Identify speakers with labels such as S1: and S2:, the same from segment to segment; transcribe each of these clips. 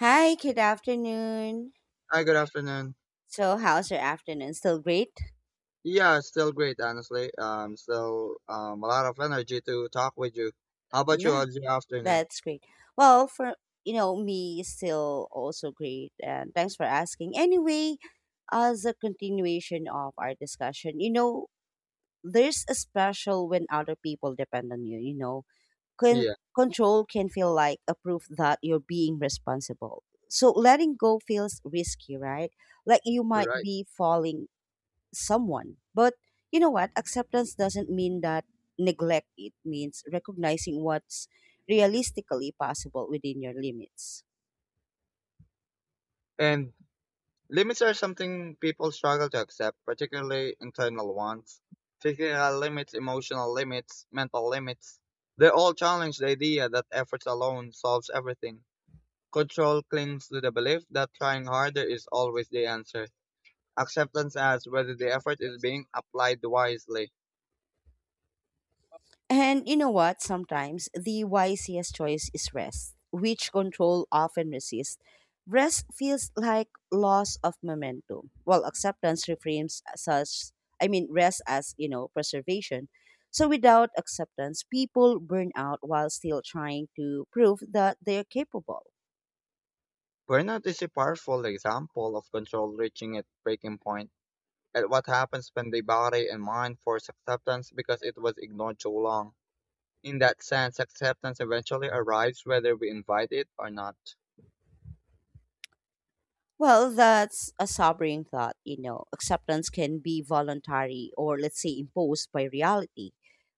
S1: Hi, good afternoon.
S2: Hi, good afternoon.
S1: So, how's your afternoon? Still great?
S2: Yeah, it's still great, honestly. Still a lot of energy to talk with you. How about you?
S1: Yeah,
S2: How's your afternoon?
S1: that's great. Well, me still also great. And thanks for asking. Anyway, as a continuation of our discussion, there's a special when other people depend on you, you know. Can
S2: Yeah,
S1: control can feel like a proof that you're being responsible. So letting go feels risky, right? Like you
S2: you're
S1: might
S2: right.
S1: be falling someone. But you know what? Acceptance doesn't mean that neglect. It means recognizing what's realistically possible within your limits.
S2: And limits are something people struggle to accept, particularly internal ones. Physical limits, emotional limits, mental limits. They all challenge the idea that efforts alone solves everything. Control clings to the belief that trying harder is always the answer. Acceptance asks whether the effort is being applied wisely.
S1: And you know what? Sometimes the wisest choice is rest, which control often resists. Rest feels like loss of momentum, while acceptance reframes such, I mean, rest as, preservation. So without acceptance, people burn out while still trying to prove that they're capable.
S2: Burnout is a powerful example of control reaching its breaking point, and what happens when the body and mind force acceptance because it was ignored too long. In that sense, acceptance eventually arrives whether we invite it or not.
S1: Well, that's a sobering thought, Acceptance can be voluntary or, let's say, imposed by reality.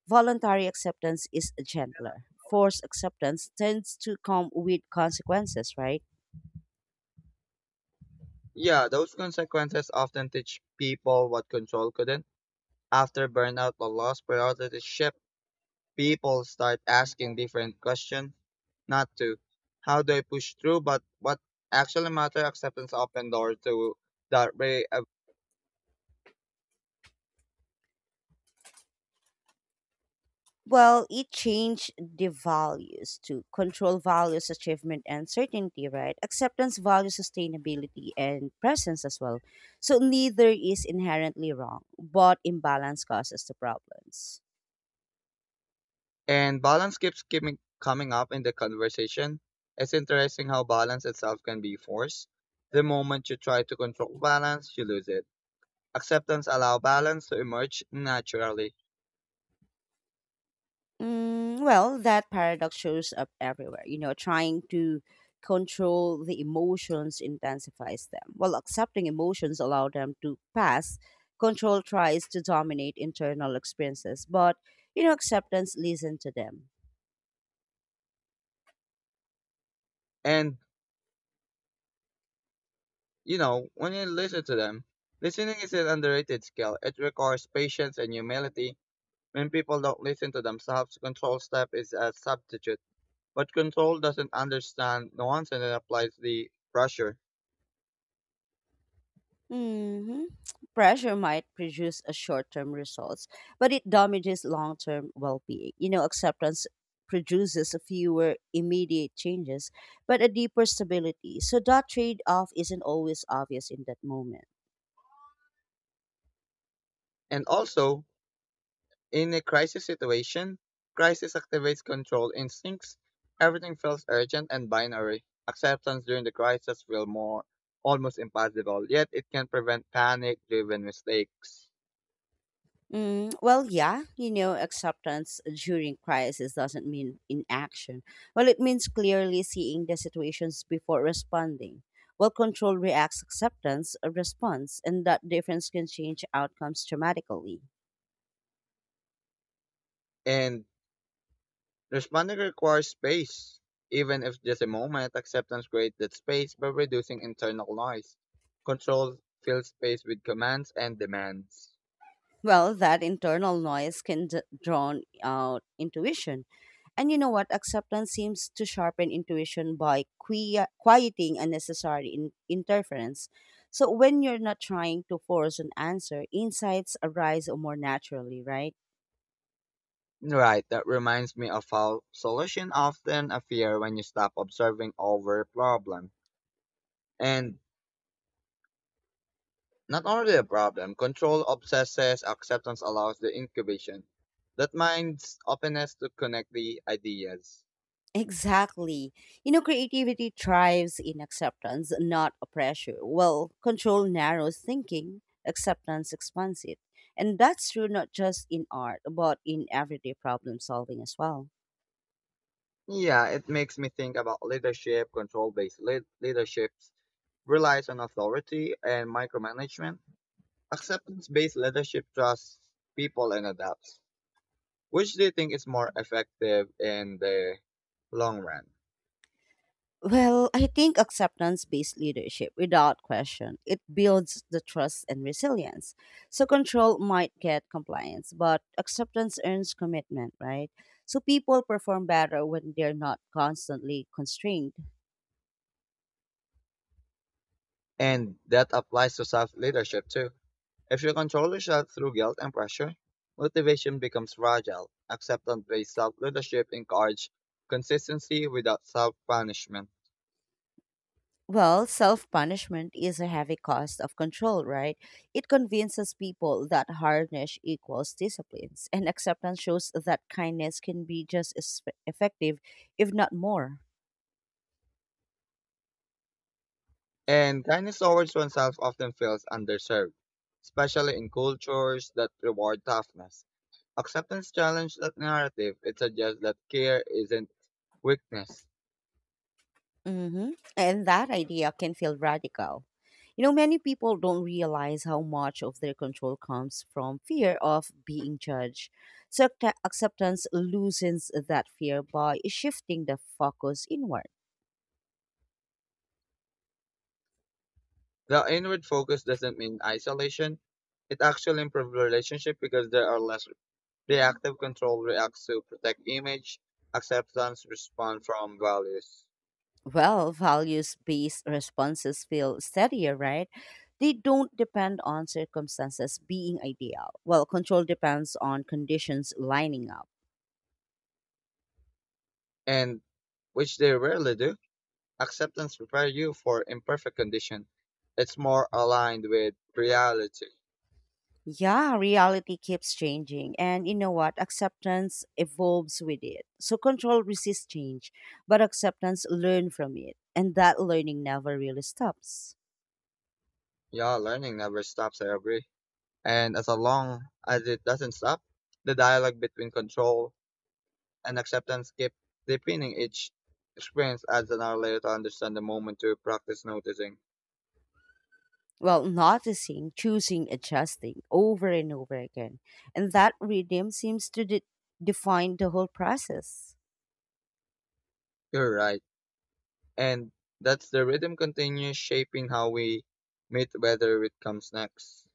S1: Voluntary acceptance is gentler. Forced acceptance tends to come with consequences, right?
S2: Yeah, those consequences often teach people what control couldn't. After burnout or loss priority shift, people start asking different questions, not to how do I push through, but what actually matter acceptance open door to that way.
S1: Well, it changed the values to control. Values achievement and certainty, right? Acceptance values sustainability and presence as well. So neither is inherently wrong, but imbalance causes the problems.
S2: And balance keeps coming up in the conversation. It's interesting how balance itself can be forced. The moment you try to control balance, you lose it. Acceptance allow balance to emerge naturally.
S1: Mm, well, that paradox shows up everywhere. You know, trying to control the emotions intensifies them. While accepting emotions allow them to pass, control tries to dominate internal experiences, but acceptance listens to them.
S2: And you know, when you listen to them, listening is an underrated skill. It requires patience and humility. When people don't listen to themselves, control step is a substitute. But control doesn't understand nuance and it applies the pressure.
S1: hmm Pressure might produce a short-term results, but it damages long-term well-being. You know, acceptance produces fewer immediate changes, but a deeper stability. So that trade-off isn't always obvious in that moment.
S2: And also, in a crisis situation, crisis activates control instincts. Everything feels urgent and binary. Acceptance during the crisis feels more almost impossible, yet it can prevent panic-driven mistakes.
S1: Mm, well, yeah, you know, acceptance during crisis doesn't mean inaction. Well, it means clearly seeing the situations before responding. Well, control reacts acceptance, a response, and that difference can change outcomes dramatically.
S2: And responding requires space. Even if just a moment, acceptance creates that space by reducing internal noise. Control fills space with commands and demands.
S1: Well, that internal noise can drown out intuition. And you know what? Acceptance seems to sharpen intuition by quieting unnecessary interference. So when you're not trying to force an answer, insights arise more naturally, right?
S2: Right, that reminds me of how solution often appear when you stop observing over problem. And not only a problem, control obsesses, acceptance allows the incubation. That mind's openness to connect the ideas.
S1: Exactly. You know, creativity thrives in acceptance, not a pressure. Well, control narrows thinking, acceptance expands it. And that's true not just in art, but in everyday problem solving as well.
S2: Yeah, it makes me think about leadership, control based leaderships, relies on authority and micromanagement. Acceptance based leadership trusts people and adapts. Which do you think is more effective in the long run?
S1: Well, I think acceptance based leadership, without question, it builds the trust and resilience. So, control might get compliance, but acceptance earns commitment, right? So, people perform better when they're not constantly constrained.
S2: And that applies to self leadership too. If you control yourself through guilt and pressure, motivation becomes fragile. Acceptance based self leadership encourages consistency without self punishment.
S1: Well, self punishment is a heavy cost of control, right? It convinces people that hardness equals disciplines, and acceptance shows that kindness can be just as effective, if not more.
S2: And kindness towards oneself often feels underserved, especially in cultures that reward toughness. Acceptance challenges that narrative. It suggests that care isn't weakness.
S1: hmm And that idea can feel radical. You know, many people don't realize how much of their control comes from fear of being judged. So acceptance loosens that fear by shifting the focus inward.
S2: The inward focus doesn't mean isolation. It actually improves relationships because there are less reactive control reacts to protect image, acceptance responds from values,
S1: Well, values based responses feel steadier, right? They don't depend on circumstances being ideal. Well, control depends on conditions lining up.
S2: and which they rarely do. Acceptance prepares you for imperfect condition. It's more aligned with reality.
S1: Yeah, reality keeps changing. And you know what? Acceptance evolves with it. So control resists change, but acceptance learn from it. And that learning never really stops.
S2: Yeah, learning never stops, I agree. And as long as it doesn't stop, the dialogue between control and acceptance keep deepening each experience adds another layer to understand the moment to practice noticing.
S1: Well, noticing, choosing, adjusting over and over again. And that rhythm seems to define the whole process.
S2: You're right. And that's the rhythm continues shaping how we meet whether it comes next.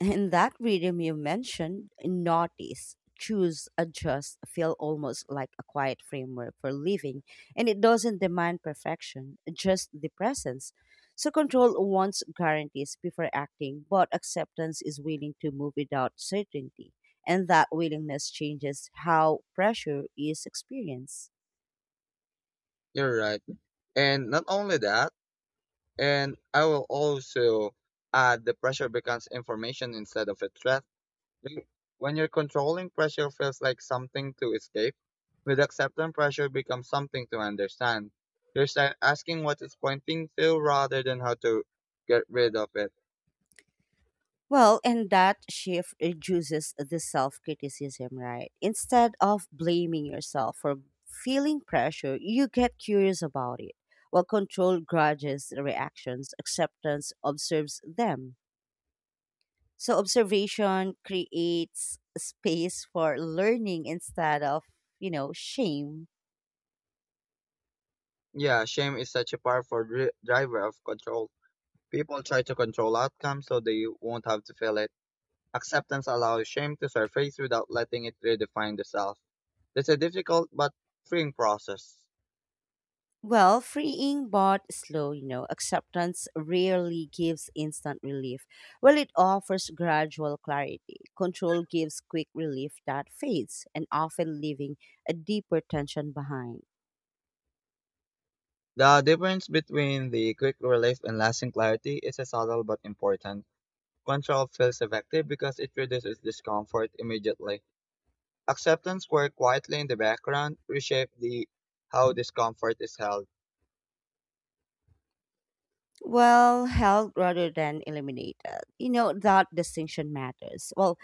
S1: In that rhythm you mentioned, notice, choose, adjust feel almost like a quiet framework for living, and it doesn't demand perfection, just the presence. So control wants guarantees before acting, but acceptance is willing to move without certainty, and that willingness changes how pressure is experienced.
S2: You're right. And not only that, and I will also add the pressure becomes information instead of a threat. Like, when you're controlling pressure feels like something to escape, with acceptance pressure becomes something to understand. You're start asking what it's pointing to rather than how to get rid of it.
S1: Well, and that shift reduces the self criticism, right? Instead of blaming yourself for feeling pressure, you get curious about it. While control grudges, reactions, acceptance observes them. So, observation creates space for learning instead of, shame.
S2: Yeah, shame is such a powerful driver of control. People try to control outcomes so they won't have to feel it. Acceptance allows shame to surface without letting it redefine the self. It's a difficult but freeing process.
S1: Well, freeing but slow, you know, acceptance rarely gives instant relief. Well, it offers gradual clarity. Control gives quick relief that fades and often leaving a deeper tension behind.
S2: The difference between the quick relief and lasting clarity is a subtle but important. Control feels effective because it reduces discomfort immediately. Acceptance works quietly in the background, reshape the how discomfort is held.
S1: Well, held rather than eliminated. You know, that distinction matters. Well,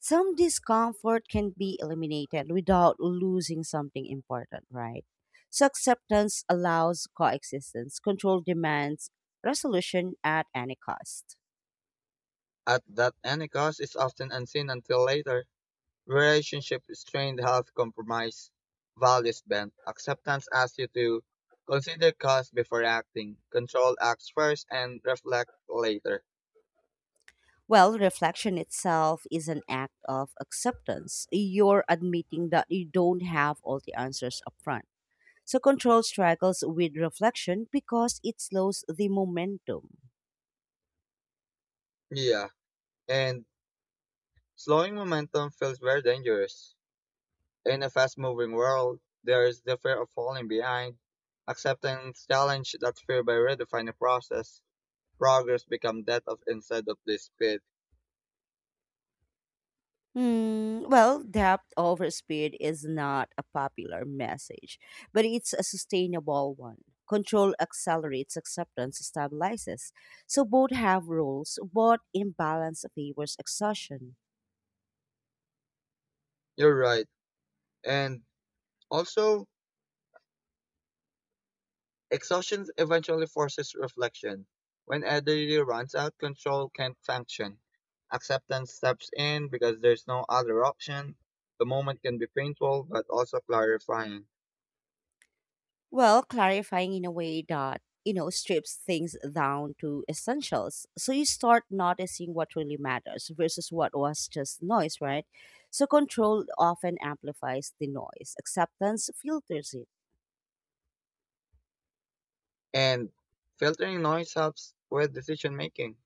S1: some discomfort can be eliminated without losing something important, right? So acceptance allows coexistence, control demands resolution at any cost.
S2: At that any cost is often unseen until later. Relationship strained health compromise values bent. Acceptance asks you to consider cost before acting, control acts first, and reflect later.
S1: Well, reflection itself is an act of acceptance. You're admitting that you don't have all the answers up front. So control struggles with reflection because it slows the momentum.
S2: Yeah. And slowing momentum feels very dangerous. In a fast moving world, there is the fear of falling behind. Acceptance challenge that fear by redefining process. Progress become that of instead of this speed.
S1: Hmm. Well, depth over speed is not a popular message, but it's a sustainable one. Control accelerates, acceptance stabilizes. So both have roles, but imbalance favors exhaustion.
S2: You're right. And also, exhaustion eventually forces reflection. When energy runs out, control can't function. Acceptance steps in because there's no other option. The moment can be painful but also clarifying.
S1: Well, clarifying in a way that, strips things down to essentials. So you start noticing what really matters versus what was just noise, right? So control often amplifies the noise, acceptance filters it.
S2: And filtering noise helps with decision making.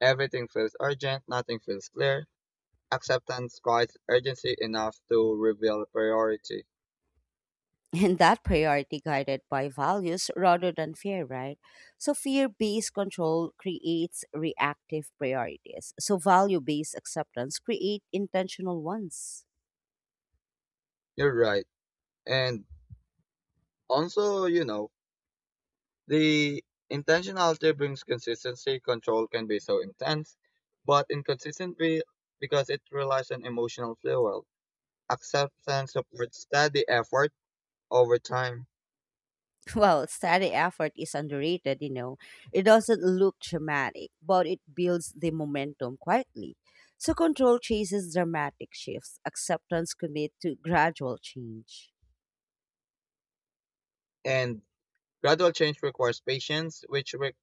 S2: Everything feels urgent, nothing feels clear. Acceptance quiets urgency enough to reveal priority.
S1: And that priority guided by values rather than fear, right? So, fear based control creates reactive priorities. So, value based acceptance create intentional ones.
S2: You're right. And also, you know, the intentionality brings consistency. Control can be so intense, but inconsistent because it relies on emotional fuel. Acceptance supports steady effort over time,
S1: Well, steady effort is underrated, you know. It doesn't look dramatic, but it builds the momentum quietly. So, control chases dramatic shifts, acceptance commit to gradual change.
S2: and gradual change requires patience, which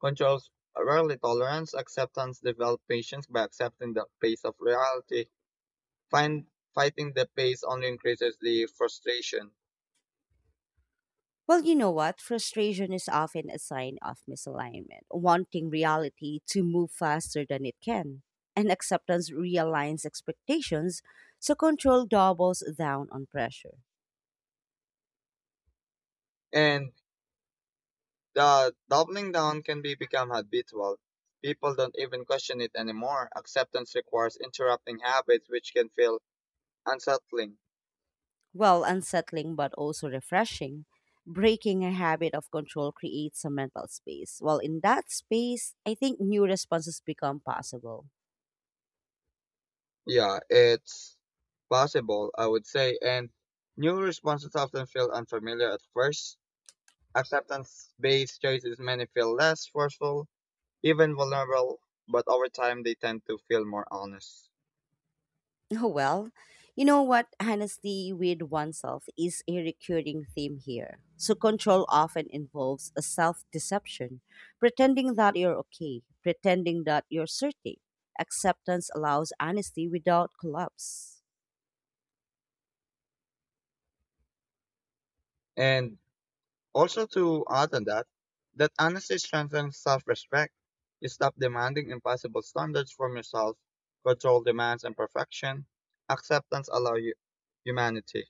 S2: controls rarely tolerance. Acceptance develops patience by accepting the pace of reality. Find, fighting the pace only increases the frustration.
S1: Well, you know what? Frustration is often a sign of misalignment, wanting reality to move faster than it can. And acceptance realigns expectations, so control doubles down on pressure.
S2: And the doubling down can be become habitual. People don't even question it anymore. Acceptance requires interrupting habits which can feel unsettling.
S1: Well, unsettling but also refreshing, breaking a habit of control creates a mental space. Well, in that space, I think new responses become possible.
S2: Yeah, it's possible, I would say. And new responses often feel unfamiliar at first. Acceptance based choices many feel less forceful, even vulnerable, but over time they tend to feel more honest.
S1: Oh, well, you know what? Honesty with oneself is a recurring theme here. So, control often involves a self deception, pretending that you're okay, pretending that you're certain. Acceptance allows honesty without collapse.
S2: And also, to add on that, that honesty strengthens self respect. You stop demanding impossible standards from yourself, control demands and perfection. Acceptance allows you humanity.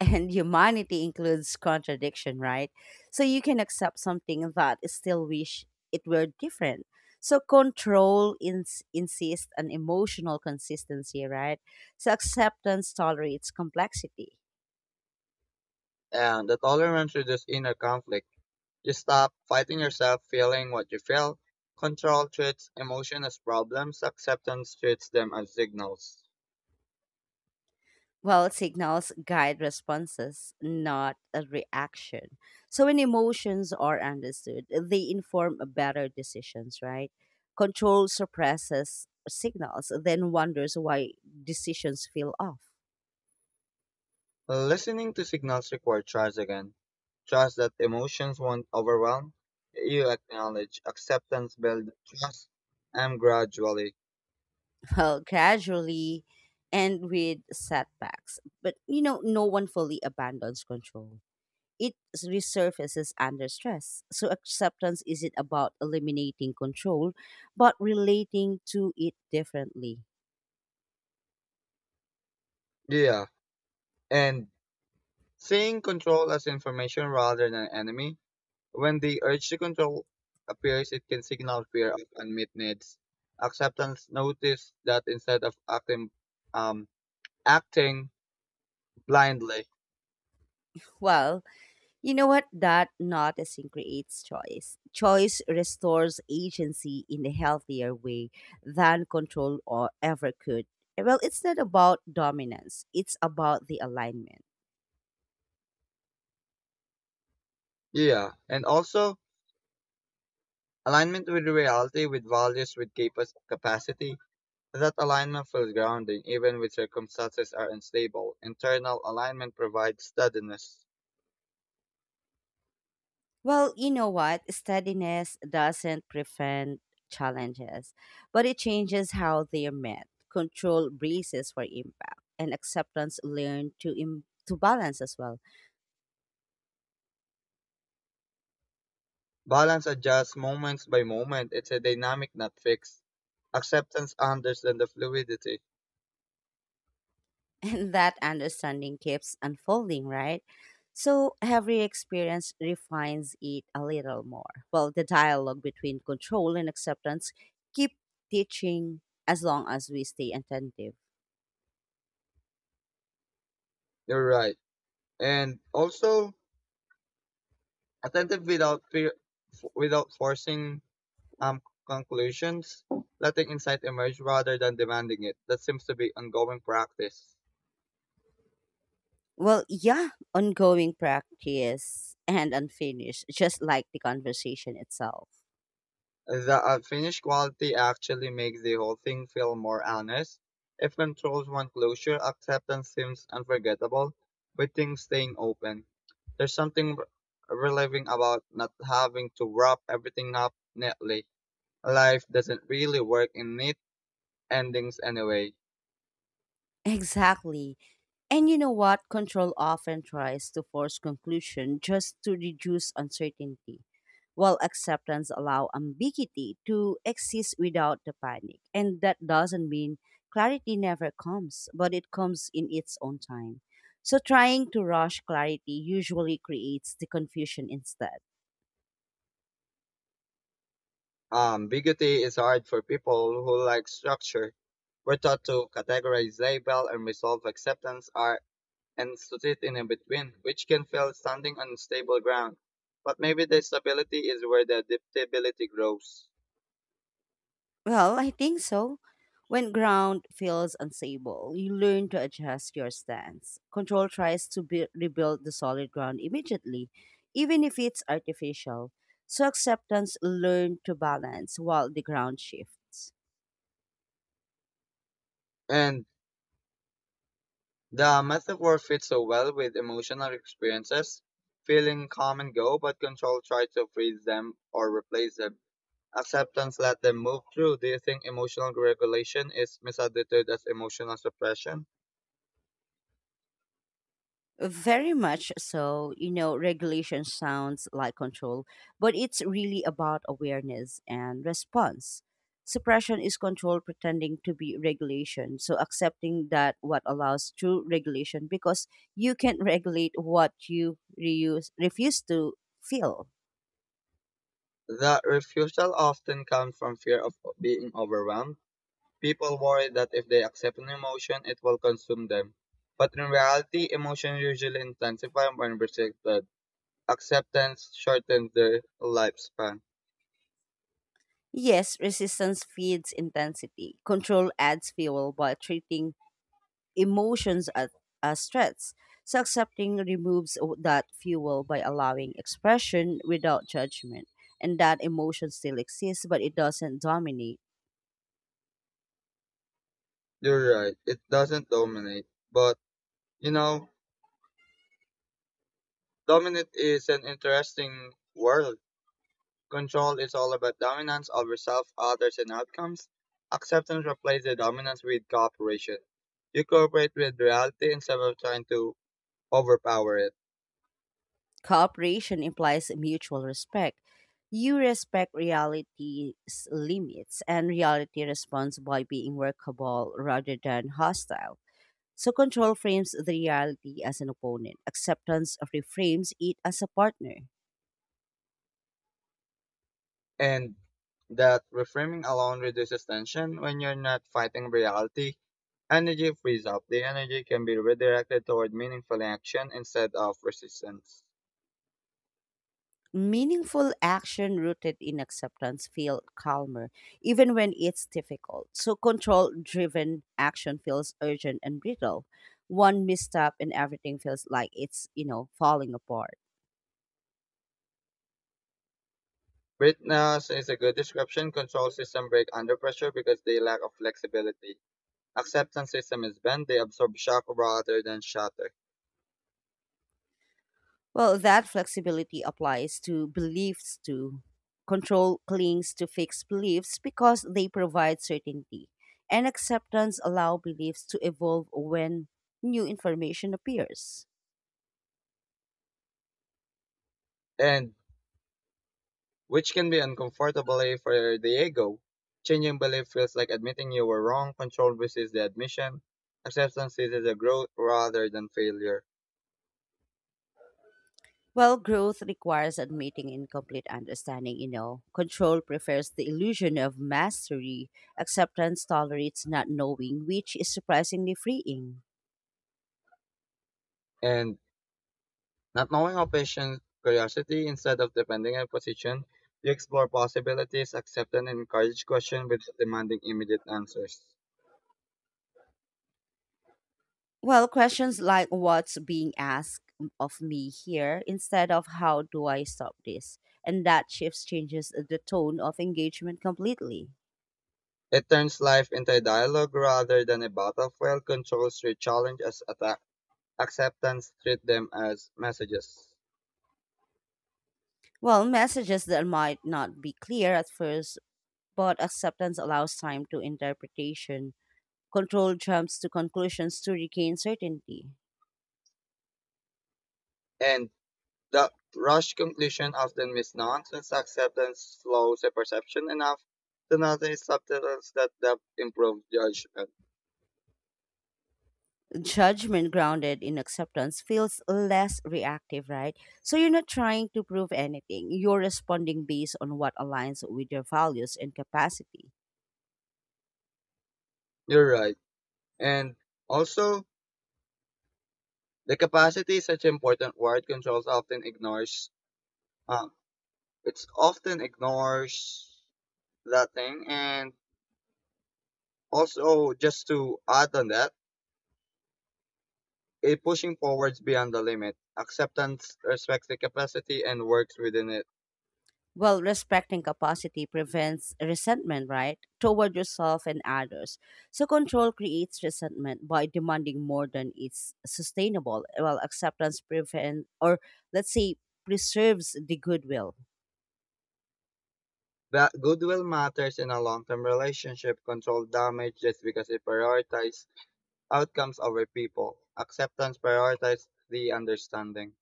S1: And humanity includes contradiction, right? So you can accept something that is still wish it were different. So control insists on emotional consistency, right? So acceptance tolerates complexity.
S2: And the tolerance reduces inner conflict. You stop fighting yourself, feeling what you feel. Control treats emotion as problems, acceptance treats them as signals.
S1: Well, signals guide responses, not a reaction. So when emotions are understood, they inform better decisions, right? Control suppresses signals, then wonders why decisions feel off.
S2: Listening to signals require trust again. Trust that emotions won't overwhelm. You acknowledge acceptance, build trust, and gradually.
S1: Well, gradually and with setbacks. But you know, no one fully abandons control. It resurfaces under stress. So acceptance isn't about eliminating control, but relating to it differently.
S2: Yeah. And seeing control as information rather than enemy. When the urge to control appears, it can signal fear of unmet needs. Acceptance notice that instead of acting, um, acting blindly.
S1: Well, you know what? That noticing creates choice. Choice restores agency in a healthier way than control or ever could. Well, it's not about dominance, it's about the alignment.
S2: Yeah. And also alignment with reality, with values, with capacity. That alignment feels grounding even when circumstances are unstable. Internal alignment provides steadiness.
S1: Well, you know what? Steadiness doesn't prevent challenges, but it changes how they're met. Control braces for impact, and acceptance learn to, to balance as well.
S2: Balance adjusts moments by moment. It's a dynamic, not fixed. Acceptance understands the fluidity.
S1: And that understanding keeps unfolding, right? So every experience refines it a little more. Well, the dialogue between control and acceptance keep teaching as long as we stay attentive.
S2: You're right. And also, attentive without fear, without forcing um conclusions, letting insight emerge rather than demanding it. That seems to be ongoing practice.
S1: Well, yeah, ongoing practice and unfinished, just like the conversation itself.
S2: The finished quality actually makes the whole thing feel more honest. If controls one closure, acceptance seems unforgettable, with things staying open. There's something relieving about not having to wrap everything up neatly. Life doesn't really work in neat endings anyway.
S1: Exactly. And you know what? Control often tries to force conclusion just to reduce uncertainty, while acceptance allows ambiguity to exist without the panic. And that doesn't mean clarity never comes, but it comes in its own time. So trying to rush clarity usually creates the confusion instead.
S2: Bigotry is hard for people who like structure. We're taught to categorize, label, and resolve acceptance are and to sit in a between, which can feel standing on stable ground. But maybe the stability is where the adaptability grows.
S1: Well, I think so. When ground feels unstable, you learn to adjust your stance. Control tries to rebuild the solid ground immediately, even if it's artificial. So acceptance learn to balance while the ground shifts.
S2: And the metaphor fits so well with emotional experiences. Feeling come and go, but control tries to freeze them or replace them. Acceptance let them move through. Do you think emotional regulation is misunderstood as emotional suppression?
S1: Very much so. You know, regulation sounds like control, but it's really about awareness and response. Suppression is control pretending to be regulation. So accepting that what allows true regulation because you can regulate what you reuse, refuse to feel.
S2: The refusal often comes from fear of being overwhelmed. People worry that if they accept an emotion, it will consume them. But in reality, emotions usually intensify when resisted. Acceptance shortens their lifespan.
S1: Yes, resistance feeds intensity. Control adds fuel by treating emotions as threats. So accepting removes that fuel by allowing expression without judgment, and that emotion still exists, but it doesn't dominate.
S2: You're right, it doesn't dominate. But, you know, dominate is an interesting world. Control is all about dominance over self, others, and outcomes. Acceptance replaces the dominance with cooperation. You cooperate with reality instead of trying to overpower it.
S1: Cooperation implies mutual respect. You respect reality's limits, and reality responds by being workable rather than hostile. So, control frames the reality as an opponent, acceptance reframes it as a partner.
S2: And that reframing alone reduces tension when you're not fighting reality. Energy frees up. The energy can be redirected toward meaningful action instead of resistance.
S1: Meaningful action rooted in acceptance feel calmer even when it's difficult. So control driven action feels urgent and brittle. One misstep and everything feels like it's, you know, falling apart.
S2: Breathness is a good description. Control system break under pressure because they lack of flexibility. Acceptance system is bent. They absorb shock rather than shatter.
S1: Well, that flexibility applies to beliefs too. Control clings to fixed beliefs because they provide certainty, and acceptance allow beliefs to evolve when new information appears.
S2: And which can be uncomfortable for the ego. Changing belief feels like admitting you were wrong, control versus the admission. Acceptance is a growth rather than failure.
S1: Well, growth requires admitting incomplete understanding, you know. Control prefers the illusion of mastery. Acceptance tolerates not knowing, which is surprisingly freeing.
S2: And not knowing how patient curiosity instead of defending a position, you explore possibilities, accept and encourage questions without demanding immediate answers.
S1: Well, questions like what's being asked of me here instead of how do I stop this? And that shifts changes the tone of engagement completely.
S2: It turns life into a dialogue rather than a battlefield. Controls treat challenge as attack. Acceptance treat them as messages.
S1: Well, messages that might not be clear at first, but acceptance allows time to interpretation. Control jumps to conclusions to regain certainty.
S2: And the rushed conclusion often means nonsense acceptance slows the perception enough to notice subtleties that depth improves judgment.
S1: Judgment grounded in acceptance feels less reactive, right? So you're not trying to prove anything. You're responding based on what aligns with your values and capacity.
S2: You're right. And also, the capacity is such an important word controls often ignores. Um, it's often ignores that thing. And also, just to add on that, a pushing forwards beyond the limit. Acceptance respects the capacity and works within it.
S1: Well, respecting capacity prevents resentment, right? Toward yourself and others. So control creates resentment by demanding more than it's sustainable. Well, acceptance prevents, or let's say, preserves the goodwill.
S2: That goodwill matters in a long term relationship. Control damage just because it prioritizes outcomes over people. Acceptance prioritizes the understanding.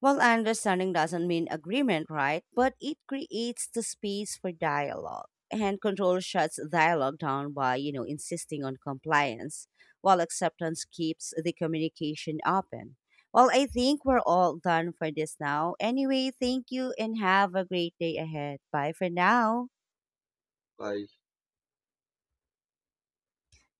S1: Well, understanding doesn't mean agreement, right? But it creates the space for dialogue. And control shuts dialogue down by, insisting on compliance, while acceptance keeps the communication open. Well, I think we're all done for this now. Anyway, thank you and have a great day ahead. Bye for now.
S2: Bye.